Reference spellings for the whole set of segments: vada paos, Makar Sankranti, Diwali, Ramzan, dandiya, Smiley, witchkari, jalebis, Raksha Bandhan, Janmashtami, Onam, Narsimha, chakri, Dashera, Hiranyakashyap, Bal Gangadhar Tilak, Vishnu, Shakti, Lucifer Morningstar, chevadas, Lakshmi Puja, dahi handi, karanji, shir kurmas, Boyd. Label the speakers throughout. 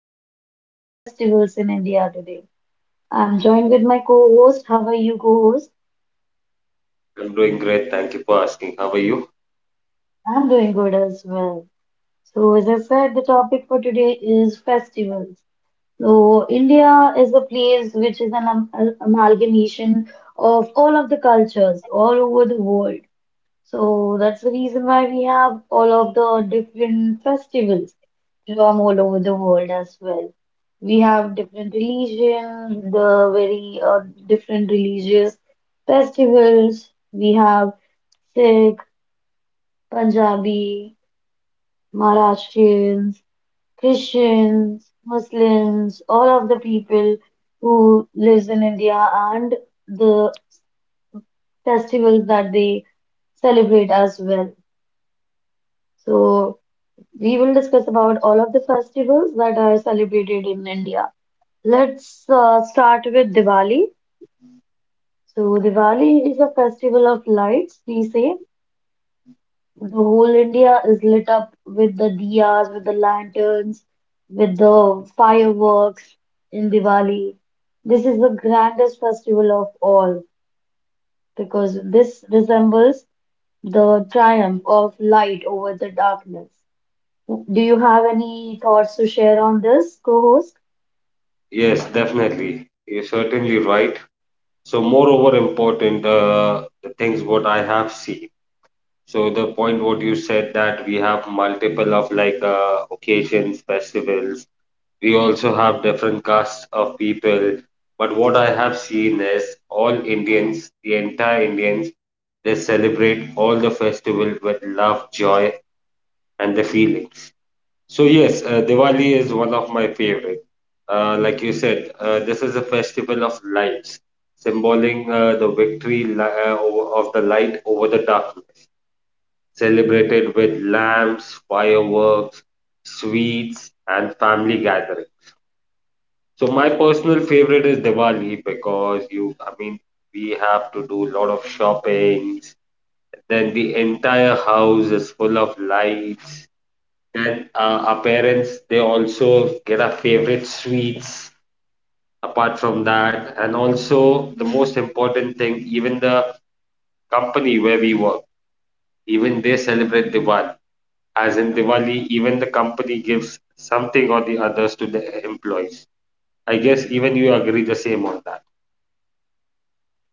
Speaker 1: the topic of festivals in India today. I'm joined with my co-host. How are you, co-host?
Speaker 2: I'm doing great. Thank you for asking. How are you?
Speaker 1: I'm doing good as well. So, as I said, the topic for today is festivals. So, India is a place which is amalgamation of all of the cultures all over the world. So that's the reason why we have all of the different festivals from all over the world as well. We have different religion, the very different religious festivals. We have Sikh, Punjabi, Maharashtrians, Christians, Muslims, all of the people who lives in India and the festivals that they celebrate as well. So we will discuss about all of the festivals that are celebrated in India. Let's start with Diwali. So, Diwali is a festival of lights, we say. The whole India is lit up with the diyas, with the lanterns, with the fireworks in Diwali. This is the grandest festival of all because this resembles the triumph of light over the darkness. Do you have any thoughts to share on this, co-host?
Speaker 2: Yes, definitely. You're certainly right. So, moreover, important, the things what I have seen. So, the point what you said that we have multiple of occasions, festivals. We also have different castes of people. But what I have seen is all Indians, the entire Indians, they celebrate all the festival with love, joy, and the feelings. So yes, Diwali is one of my favorite. Like you said, this is a festival of lights, symboling the victory of the light over the darkness, celebrated with lamps, fireworks, sweets, and family gathering. So my personal favorite is Diwali because you, I mean, we have to do a lot of shopping. Then the entire house is full of lights that our parents they also get our favorite sweets apart from that, and also the most important thing, even the company where we work, even they celebrate Diwali. As in Diwali, even the company gives something or the others to the employees. I guess even you agree the same on that.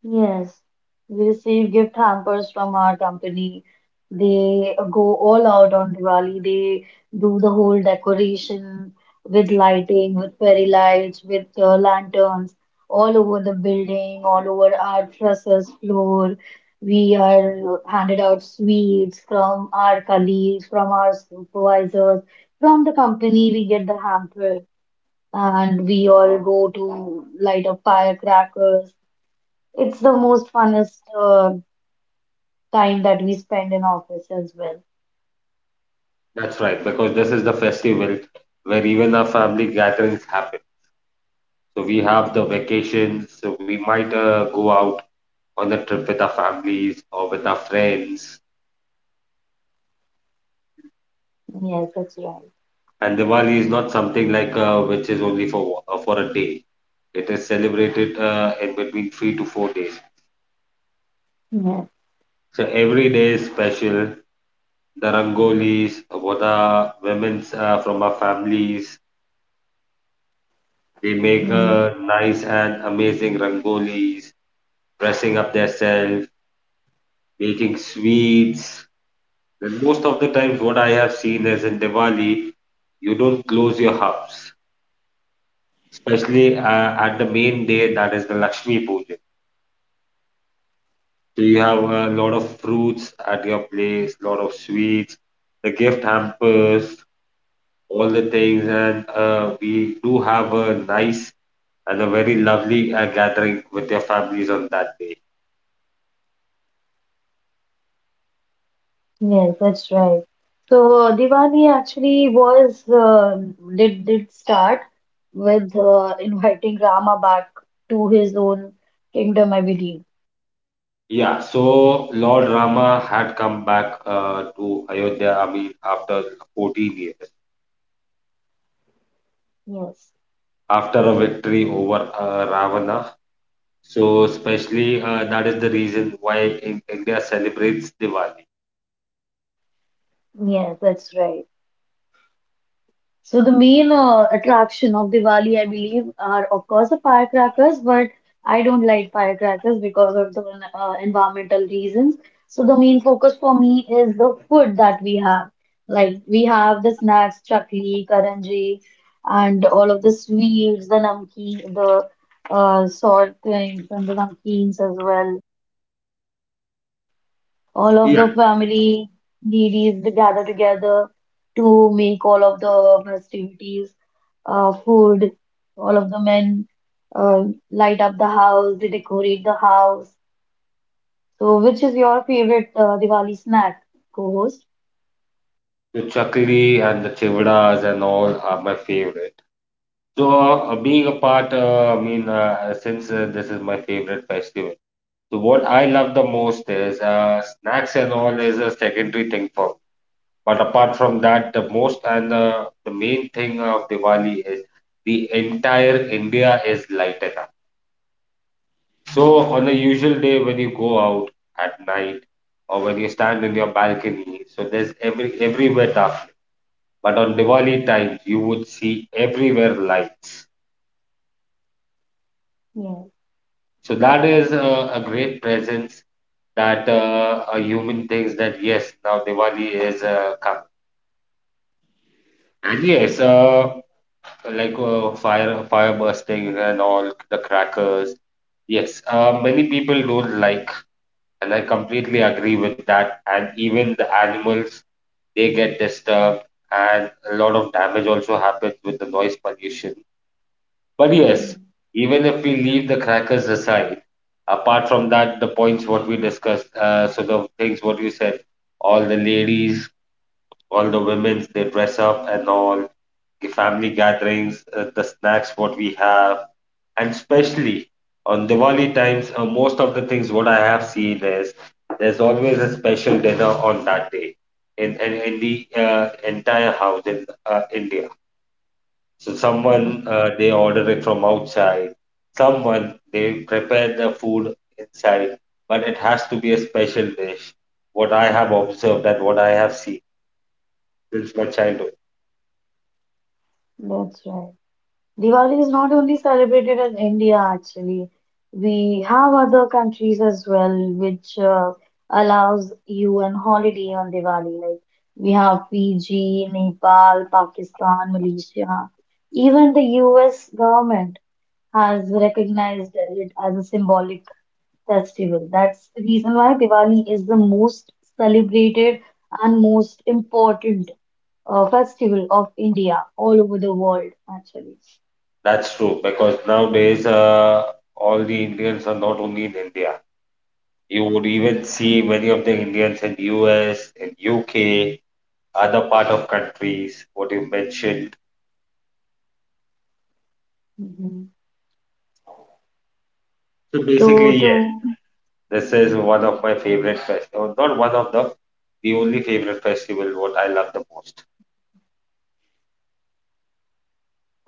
Speaker 1: Yes, we receive gift hampers from our company. They go all out on Diwali. They do the whole decoration with lighting, with fairy lights, with lanterns all over the building, all over our trusses floor. We are handed out sweets from our colleagues, from our supervisors, from the company. We get the hamper, and we all go to light up firecrackers. It's the most funnest time that we spend in office as well.
Speaker 2: That's right, because this is the festival where even our family gatherings happen, so we have the vacations, so we might go out on the trip with our families or with our friends.
Speaker 1: Yes, that's right.
Speaker 2: And Diwali is not something which is only for a day. It is celebrated in between 3 to 4 days.
Speaker 1: Yes.
Speaker 2: So every day is special. The rangolis, what are women's from our families, they make
Speaker 1: Hmm.
Speaker 2: nice and amazing rangolis, dressing up themselves, making sweets. And most of the times, what I have seen is in Diwali, you don't close your house, especially at the main day, that is the Lakshmi Puja. So you have a lot of fruits at your place, lot of sweets, the gift hampers, all the things, and we do have a nice and a very lovely gathering with your families on that day.
Speaker 1: Yes, that's right. So Diwali actually was did start with inviting Rama back to his own kingdom, I believe.
Speaker 2: Yeah, so Lord Rama had come back to Ayodhya, I mean, after 14 years,
Speaker 1: Yes,
Speaker 2: after a victory over Ravana. So especially that is the reason why India celebrates Diwali.
Speaker 1: yes, that's right. So the main attraction of Diwali, I believe, are of course the firecrackers, but I don't like firecrackers because of the environmental reasons. So the main focus for me is the food that we have. Like we have the snacks, chakli, karanji, and all of the sweets, the namkeen, the salt things, and the namkeens as well, all of the
Speaker 2: Yeah.
Speaker 1: family ladies to gather together to make all of the festivities, food, all of the men uh, light up the house, they decorate the house. So, which is your favorite Diwali snack, co-host?
Speaker 2: The chakri and the chevadas and all are my favorite. So being a part, I mean, since this is my favorite festival, so what I love the most is, snacks and all is a secondary thing for me. But apart from that, the most and the main thing of Diwali is the entire India is lighted. So, on a usual day when you go out at night or when you stand in your balcony, so there's everywhere darkness. But on Diwali times, you would see everywhere lights.
Speaker 1: Yes,
Speaker 2: So that is a great presence that a human thinks that yes, now Diwali is coming. And yes, fire bursting and all the crackers. Yes, many people don't like, and I completely agree with that. And even the animals, they get disturbed, and a lot of damage also happens with the noise pollution. But yes,
Speaker 1: yes,
Speaker 2: even if we leave the crackers aside, apart from that, the points what we discussed, so the things what you said, all the ladies, all the women, they dress up and all the family gatherings, the snacks what we have, and especially on Diwali times, most of the things what I have seen is there's always a special dinner on that day in the entire house in India. So
Speaker 1: yes,
Speaker 2: someone they order it from outside, someone they prepare the food inside, but it has to be a special dish. What I have observed and what I have seen since my childhood.
Speaker 1: that's right. Diwali is not only celebrated in India, actually. We have other countries as well, which allows you an holiday on Diwali. Like we have Fiji, Nepal, Pakistan, Malaysia. Even the US government has recognized it as a symbolic festival. That's the reason why Diwali is the most celebrated and most important festival of India all over the world, actually.
Speaker 2: That's true, because nowadays all the Indians are not only in India. You would even see many of the Indians in US, in UK, other part of countries, what you mentioned.
Speaker 1: Mhm.
Speaker 2: So
Speaker 1: So
Speaker 2: basically, yeah,
Speaker 1: to
Speaker 2: this is one of my favorite festivals. Not one of the only favorite festival what I love the most.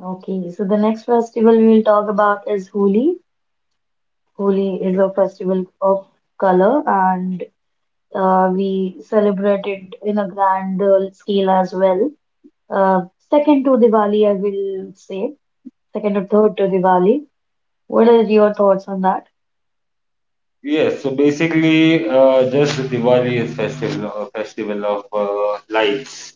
Speaker 1: okay, so the next festival we'll talk about is Holi. Holi is a festival of color, and we celebrate it in a grand scale as well. Uh, second to Diwali, I will say, second or third to Diwali. What are your thoughts on that?
Speaker 2: Yes, so basically, just Diwali is festival, a festival of lights.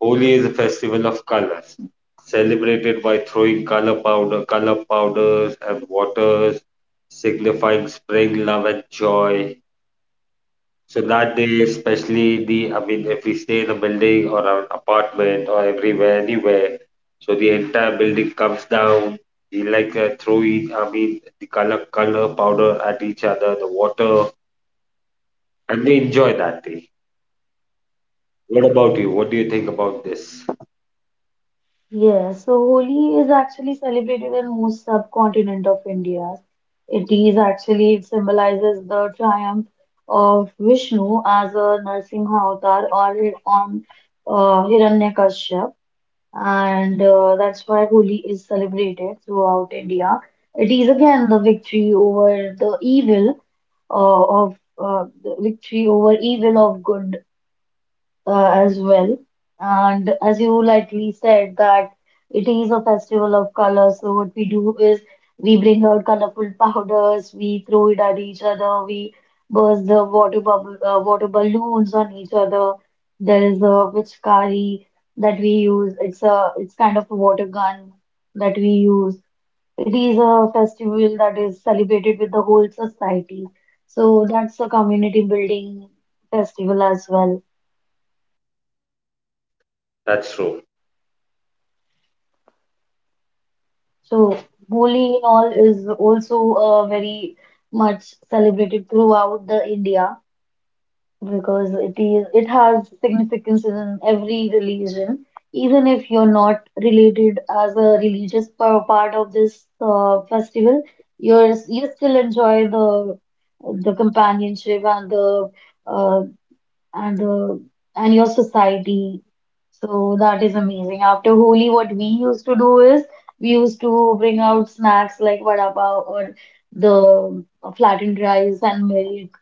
Speaker 2: Holi is a festival of colors, celebrated by throwing color powder, color powders and waters, signifying spring, love, and joy. So that day, especially the, I mean, if we stay in a building or an apartment or everywhere, anywhere, so the entire building comes down. We like throwing, I mean, the color powder at each other, the water, and we enjoy that day. What about you? What do you think about this?
Speaker 1: Yes, so Holi is actually celebrated in most subcontinent of India. It is actually, it symbolizes the triumph of Vishnu as a Narsimha avatar or on Hiranyakashyap, and that's why Holi is celebrated throughout India. It is again the victory over evil of good as well. And as you lightly said that it is a festival of colors, so what we do is we bring out colorful powders, we throw it at each other, we burst the water bubble, water balloons on each other. There is a witchkari that we use. It's kind of a water gun that we use. It is a festival that is celebrated with the whole society. So that's a community building festival as well.
Speaker 2: That's true.
Speaker 1: So Holi in all is also very much celebrated throughout the India because it has significance in every religion. Even if you're not related as a religious part of this festival, you still enjoy the companionship and the uh, and uh, and your society. So that is amazing. After Holi, what we used to do is we used to bring out snacks like vada pav or the flattened rice and milk.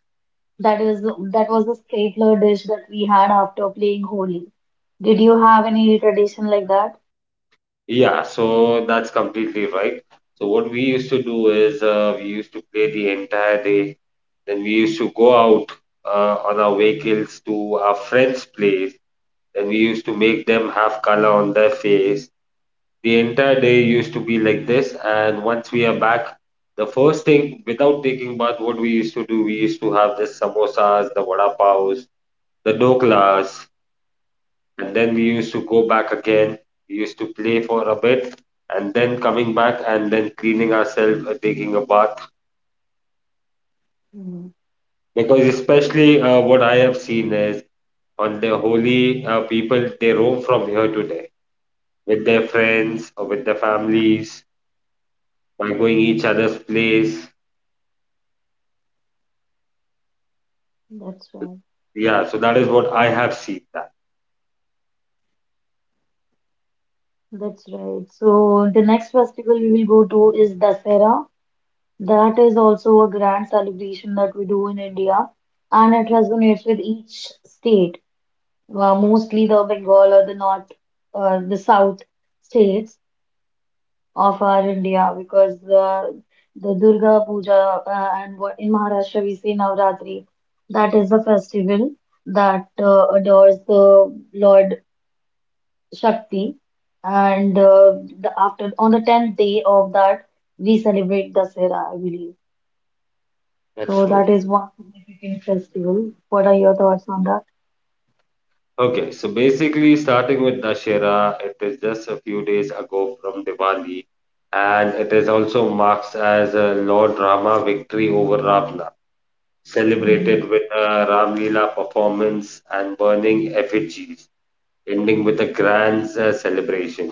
Speaker 1: That was the stapler dish that we had after playing Holi. Did you have any tradition like that?
Speaker 2: Yeah, so that's completely right. So what we used to do is, we used to play the entire day. Then we used to go out on our vehicles to our friends' place, and we used to make them have color on their face. The entire day used to be like this, and once we are back, the first thing without taking bath, what we used to do, we used to have this samosas, the vada paos, the doklas, and then we used to go back again. We used to play for a bit, and then coming back and then cleaning ourselves, taking a bath.
Speaker 1: Mm.
Speaker 2: Because especially what I have seen is on the holy people, they roam from here to there with their friends or with their families by going each other's place.
Speaker 1: That's right.
Speaker 2: Yeah, so that is what I have seen that.
Speaker 1: That's right. So the next festival we will go to is Dasera. That is also a grand celebration that we do in India, and it resonates with each state, mostly the Bengal or the North, the South states of our India, because the Durga Puja and what in Maharashtra we say Navratri, that is the festival that adores the Lord Shakti, and after on the tenth day of that we celebrate Dasera, I believe.
Speaker 2: That's
Speaker 1: So
Speaker 2: true.
Speaker 1: that is one significant festival. What are your thoughts on that?
Speaker 2: Okay, so basically starting with Dashera, it is just a few days ago from Diwali, and it is also marks as a Lord Rama victory over Ravana,
Speaker 1: Mm-hmm.
Speaker 2: celebrated with a Ram Leela performance and burning effigies, ending with a grand celebration.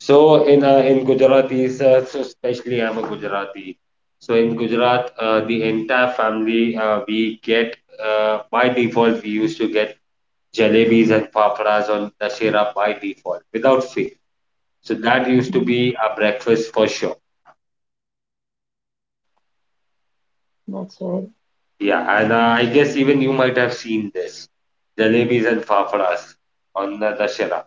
Speaker 2: So in Gujarati, so especially I'm a Gujarati. So in Gujarat, the entire family, we get, by default we used to get jalebis and paparas on Dashera by default without fail. So that used to
Speaker 1: Mm.
Speaker 2: be a breakfast for sure.
Speaker 1: That's right.
Speaker 2: Yeah, and I guess even you might have seen this jalebis and paparas on the Dashera.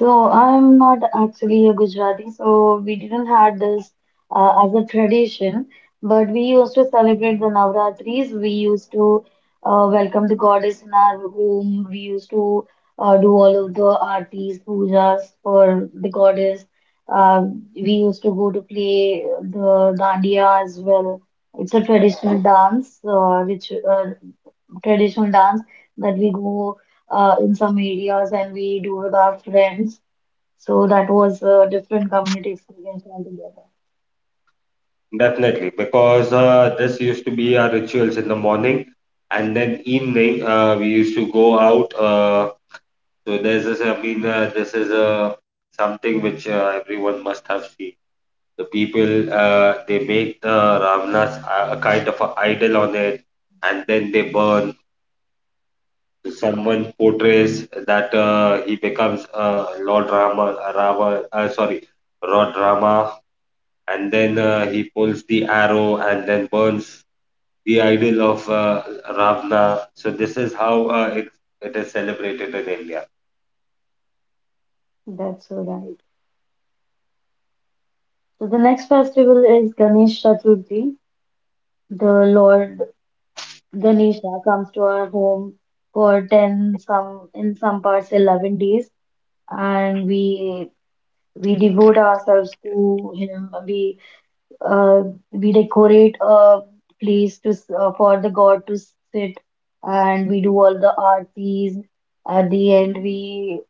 Speaker 1: So I'm not actually a Gujarati, so we didn't have this as a tradition, but we used to celebrate the Navratris. We used to welcome the goddess in our home. We used to do all of the aartis, pujas for the goddess. Uh, we used to go to play the dandiya as well. It's a traditional dance, which traditional dance that we go in some areas and we do with our friends. So that was a different community experience altogether.
Speaker 2: Definitely, because this used to be our rituals in the morning, and then evening we used to go out. So there's this. I mean, this is something which everyone must have seen. The people they make the Ravana's a kind of a idol on it, and then they burn. Someone portrays that he becomes Lord Rama, Lord Rama, and then he pulls the arrow and then burns the idol of Ravana. So this is how it is celebrated in India.
Speaker 1: That's so right. So the next festival is Ganesh Chaturthi. The Lord Ganesha comes to our home for 10, some in some parts 11 days and we devote ourselves to him. Uh, we decorate a place to for the god to sit and we do all the aartis. At the end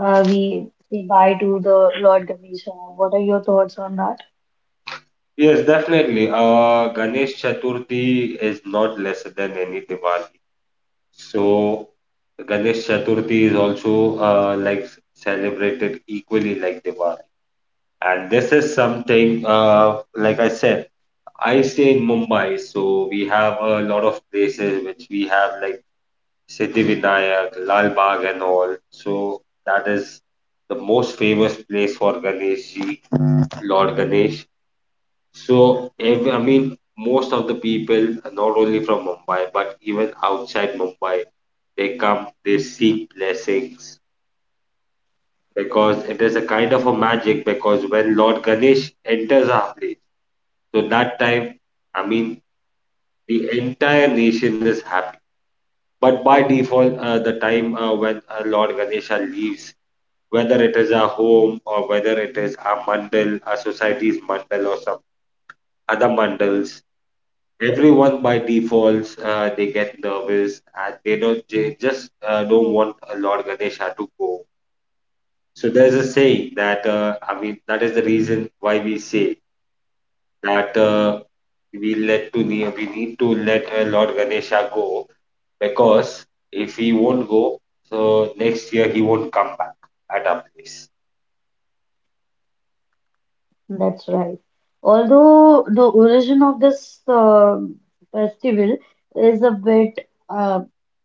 Speaker 1: we say bye to the Lord Ganesha. What are your thoughts on that?
Speaker 2: Yes, definitely. Ganesh Chaturthi is not less than any Diwali. So Ganesh Chaturthi is also like celebrated equally like Diwali. And this is something, like I said, I stay in Mumbai, so we have a lot of places which we have like Siddhivinayak, Lal Bagh, and all. So that is the most famous place for Ganesh Ji, Lord Ganesh. So ev I mean, most of the people, not only from Mumbai but even outside Mumbai, they come, they seek blessings because it is a kind of a magic. Because when Lord Ganesh enters our place, so that time, I mean, the entire nation is happy. But by default, the time when Lord Ganesha leaves, whether it is a home or whether it is a mandal, a society's mandal or some other mandals, everyone by default they get nervous, and they just don't want Lord Ganesha to go. So there's a saying that, I mean, that is the reason why we say that we we need to let Lord Ganesha go, because if he won't go, so next year he won't come back at our place.
Speaker 1: That's right. Although the origin of this festival is a bit uh,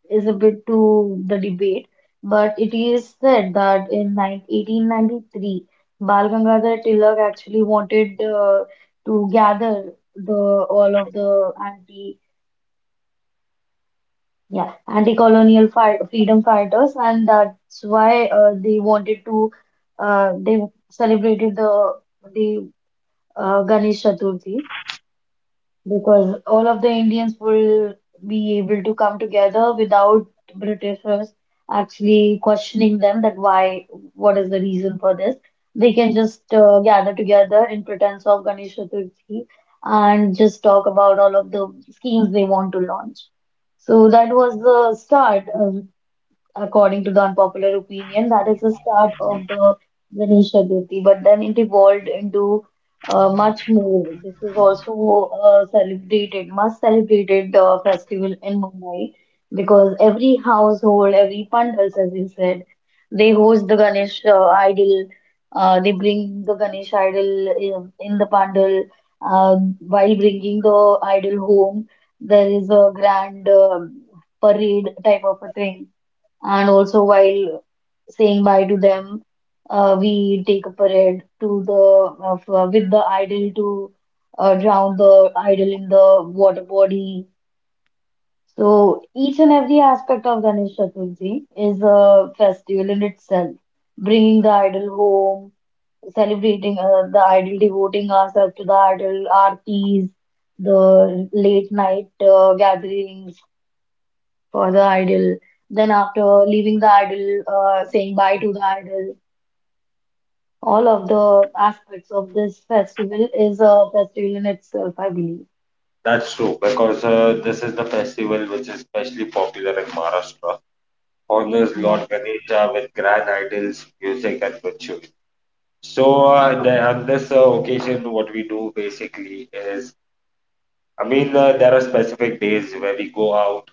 Speaker 1: is a bit to the debate, but it is said that in 9 1893 Bal Gangadhar Tilak actually wanted to gather the all of the anti-colonial fight, freedom fighters, and that's why they wanted to they celebrated the the Ganesh Chaturthi, because all of the Indians will be able to come together without Britishers actually questioning them that why, what is the reason for this. They can just gather together in pretense of Ganesh Chaturthi and just talk about all of the schemes they want to launch. So that was the start. According to the unpopular opinion, that is the start of the Ganesh Chaturthi. But then it evolved into much more. This is also much celebrated festival in Mumbai because every household, every pandals, as you said, they host the Ganesh idol. They bring the Ganesh idol in the pandal while bringing the idol home. There is a grand parade type of a thing, and also, while saying bye to them, we take a parade with the idol to drown the idol in the water body. So each and every aspect of Ganesh Chaturthi is a festival in itself, bringing the idol home, celebrating the idol, devoting ourselves to the idol, aartis, the late night gatherings for the idol. Then after leaving the idol, saying bye to the idol, all of the aspects of this festival is a festival in itself, I believe.
Speaker 2: That's true, because this is the festival which is especially popular in Maharashtra. Honors Lord
Speaker 1: Yeah.
Speaker 2: Ganesha with grand idols, music, and ritual. So on this occasion, what we do basically is, I mean, there are specific days where we go out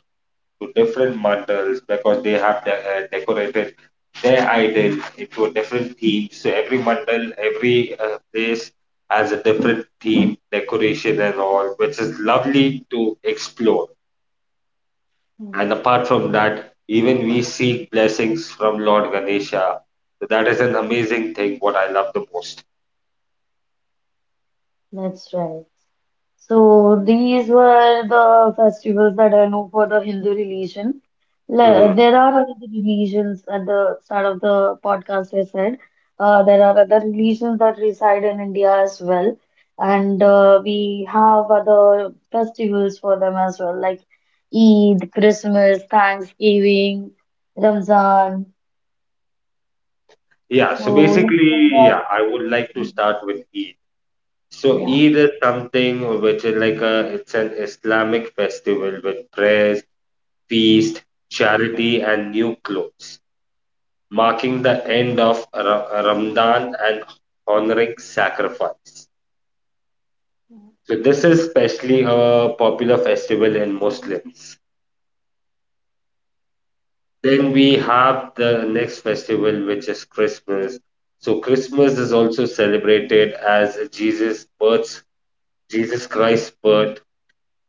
Speaker 2: to different mandals because they have decorated their idol into a different theme. So every mandal, every place has a different theme, decoration, and all, which is lovely to explore.
Speaker 1: Mhm.
Speaker 2: And apart from that, even we seek blessings from Lord Ganesha. So that is an amazing thing, what I love the most.
Speaker 1: That's right. So these were the festivals that I know for the Hindu religion.
Speaker 2: Mhm.
Speaker 1: There are other religions at the start of the podcast, I said. There are other religions that reside in India as well. And we have other festivals for them as well, like Eid, Christmas, Thanksgiving, Ramzan.
Speaker 2: Yeah,
Speaker 1: So
Speaker 2: so
Speaker 1: let's talk
Speaker 2: basically,
Speaker 1: about,
Speaker 2: yeah, I would like to start with Eid. So
Speaker 1: yeah,
Speaker 2: Eid is something which is like a, it's an Islamic festival with prayers, feast, charity, and new clothes, marking the end of Ramadan and honoring sacrifice.
Speaker 1: the
Speaker 2: So this is especially a popular festival in Muslims. Then we have the next festival, which is Christmas. So Christmas is also celebrated as Jesus Christ's birth,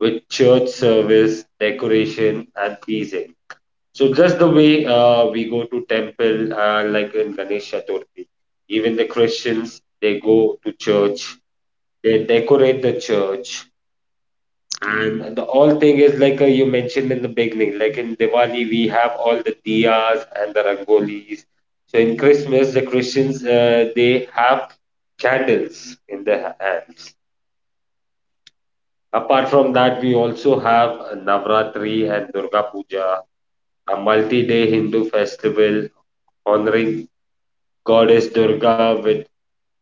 Speaker 2: with church service, decoration, and teasing. So just the way we go to temple, like in Ganesh Chaturthi, even the Christians they go to church, they decorate the church, and the all thing is like you mentioned in the beginning, like in Diwali we have all the diyas and the rangolis. So in Christmas the Christians they have candles in their hands. Apart from that, we also have Navratri and Durga Puja, a multi-day Hindu festival honoring goddess Durga with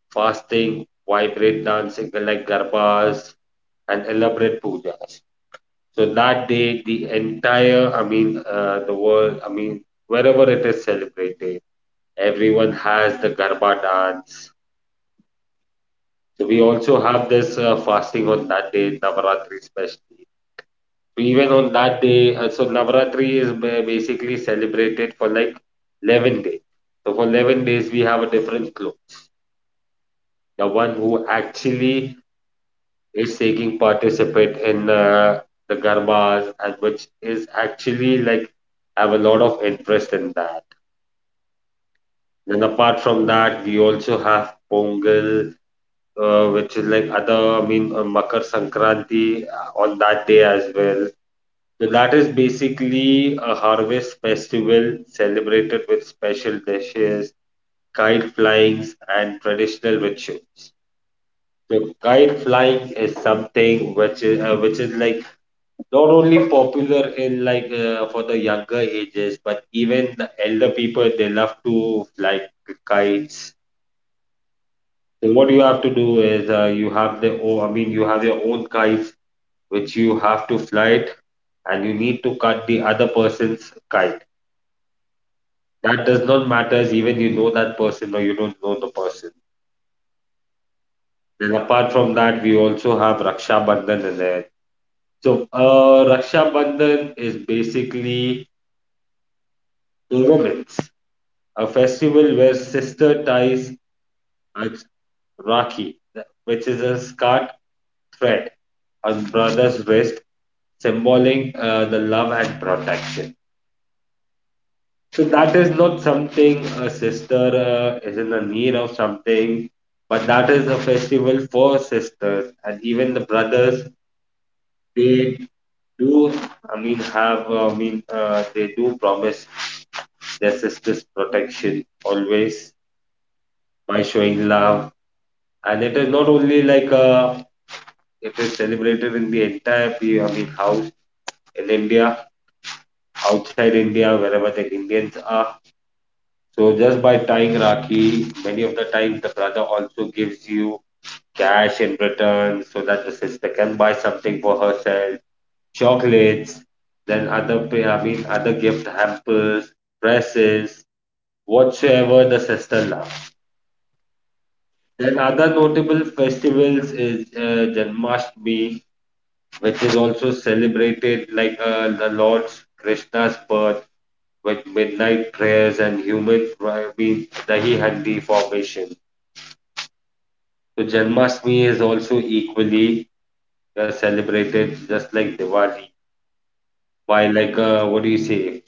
Speaker 2: fasting, vibrant dancing like garbas, and elaborate pujas. So that day, the entire, the world, wherever it is celebrated, everyone has the garba dance. So we also have this fasting on that day, Navratri especially. Even on that day so basically celebrated for like 11 days, so for 11 days we have a different clone, the one who actually is taking participate in the garbas, and which is actually like have a lot of interest in that. Then apart from that we also have pongal, which is like other, makar sankranti on that day as well. So that is basically a harvest festival celebrated with special dishes, kite flyings, and traditional rituals. So kite flying is something which is like not only popular in like for the younger ages, but even the elder people they love to fly kites. So what you have to do is you have the you have your own kites which you have to fly it, and you need to cut the other person's kite. That does not matter even you know that person or you don't know the person. Then apart from that, we also have Raksha Bandhan in there. So uh, Raksha Bandhan is basically romance, a festival where sister ties a Rakhi, which is a scarf thread on brother's wrist, symboling the love and protection. So that is not something a sister is in the need of something, but that is a festival for sisters and even the brothers. They do, they do promise their sisters protection always by showing love. And it is not only like it is celebrated in the entire, house in India, outside India, wherever the Indians are. So just by tying Rakhi, many of the times the brother also gives you cash in return so that the sister can buy something for herself, chocolates, then other pay, I mean other gift hampers, dresses, whatsoever the sister loves. Then other notable festivals is Janmashtami, which is also celebrated like the Lord Krishna's birth with midnight prayers and dahi handi formation. So Janmashtami is also equally celebrated just like Diwali. Why like what do you say?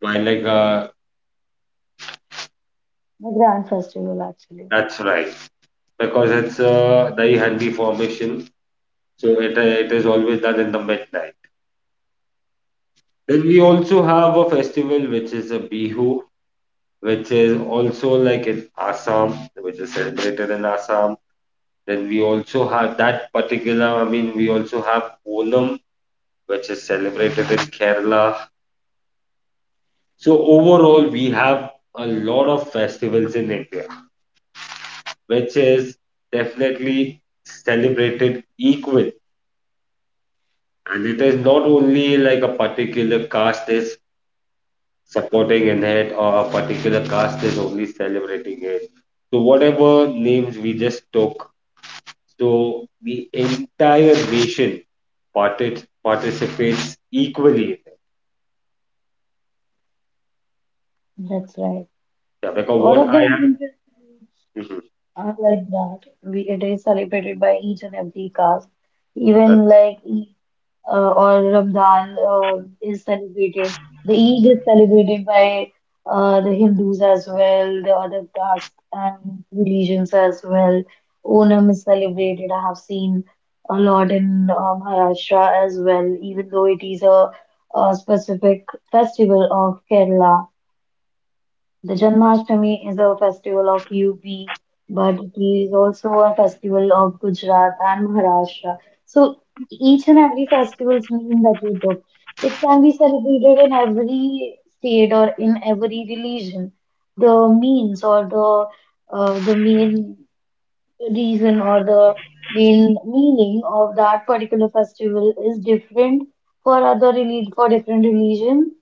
Speaker 2: Why like
Speaker 1: grand festival actually.
Speaker 2: that's right, because it's the handi formation, so it is always done in the midnight. Then we also have a festival which is a Bihu, which is also like in Assam, which is celebrated in Assam. Then we also have that particular. I mean, we also have Onam, which is celebrated in Kerala. So overall, we have a lot of festivals in India, which is definitely celebrated equal. And it is not only like a particular caste is supporting in it or a particular caste is only celebrating it. So whatever names we just took, so the entire nation participates equally in it.
Speaker 1: That's right.
Speaker 2: Yeah,
Speaker 1: So,
Speaker 2: because
Speaker 1: all
Speaker 2: what
Speaker 1: of the
Speaker 2: I have,
Speaker 1: Indian festivals
Speaker 2: mhm,
Speaker 1: are like that. We it is celebrated by each and every caste.
Speaker 2: that,
Speaker 1: Even like Eid or Ramadan is celebrated. The Eid is celebrated by the Hindus as well, the other castes and religions as well. Onam is celebrated. I have seen a lot in Maharashtra as well, even though it is a specific festival of Kerala. The Janmashtami is a festival of UP, but it is also a festival of Gujarat and Maharashtra. So each and every festivals mean that you took. It can be celebrated in every state or in every religion. The means or the main reason or the main meaning of that particular festival is different for other relig for different religion,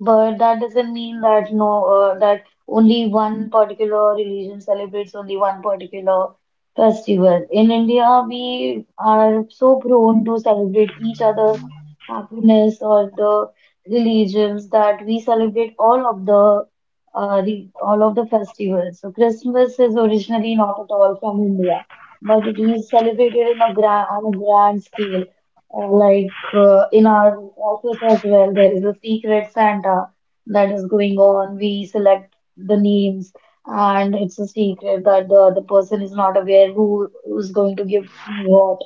Speaker 1: but that doesn't mean that no, that only one particular religion celebrates only one particular festival. In India, we are so prone to celebrate each other's happiness or the religions that we celebrate all of the festivals. So Christmas is originally not at all from India, but it is celebrated in a grand on a grand scale. Like in our office as well, there is a secret Santa that is going on. We select the names, and it's a secret that the other person is not aware who's going to give me what.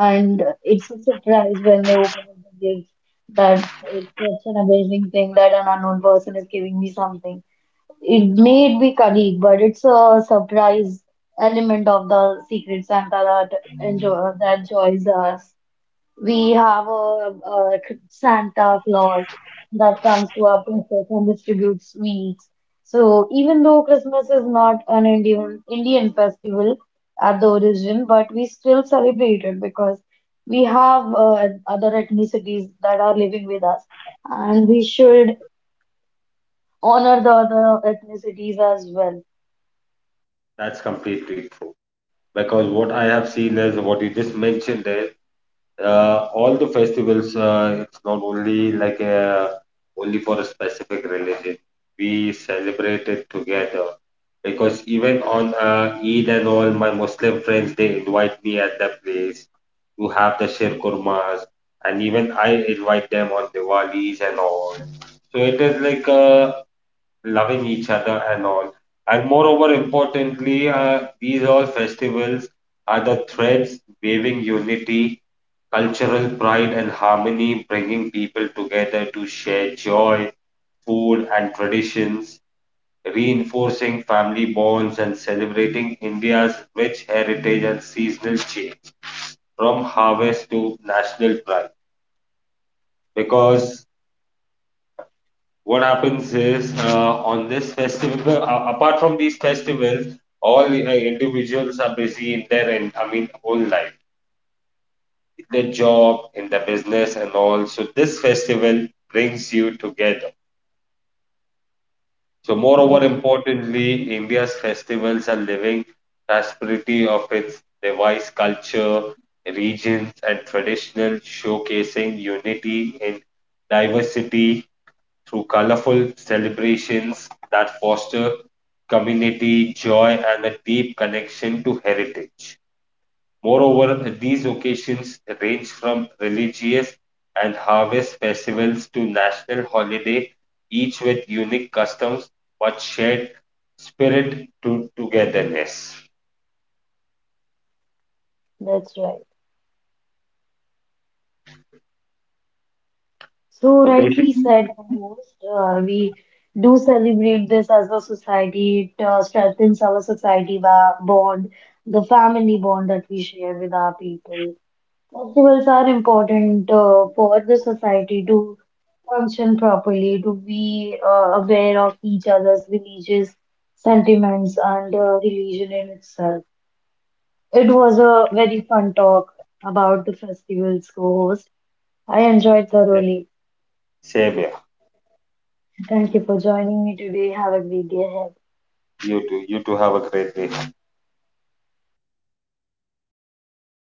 Speaker 1: And it's a surprise when they open up the gift that it's such an amazing thing that an unknown person is giving me something. It may be colleague, but it's a surprise element of the secret Santa that enjoy that joys us. We have a Santa Claus that comes to our princess and distributes sweets. So even though Christmas is not an Indian festival at the origin, but we still celebrate it because we have other ethnicities that are living with us, and we should honor the other ethnicities as well.
Speaker 2: that's completely true because what I have seen is what you just mentioned is all the festivals it's not only like only for a specific religion, we celebrate it together because even on Eid and all my Muslim friends they invite me at their place to have the shir kurmas, and even I invite them on Diwalis and all. So it is like loving each other and all, and moreover importantly these all festivals are the threads waving unity, cultural pride and harmony, bringing people together to share joy, food, and traditions, reinforcing family bonds and celebrating India's rich heritage and seasonal change from harvest to national pride. Because what happens is on this festival, apart from these festivals, all individuals are busy in their, whole life, in their job, in their business, and all. So this festival brings you together. So, moreover,
Speaker 1: That's
Speaker 2: importantly, India's festivals are living tapestry of its diverse culture, regions, and traditional, showcasing unity in diversity through colorful celebrations that foster community joy and a deep connection to heritage. Moreover, these occasions range from religious and harvest festivals to national holiday, each with unique customs but shared spirit to togetherness.
Speaker 1: that's right. So
Speaker 2: So
Speaker 1: rightly
Speaker 2: basically,
Speaker 1: said by most, we do celebrate this as a society. It strengthens our society bond, the family bond that we share with our people. Festivals are important for the society to function properly, to be aware of each other's religious sentiments and religion in itself. It was a very fun talk about the festivals, co-host. I enjoyed thoroughly.
Speaker 2: same here.
Speaker 1: Thank you for joining me today. Have a great day ahead.
Speaker 2: You too. You too have a great day.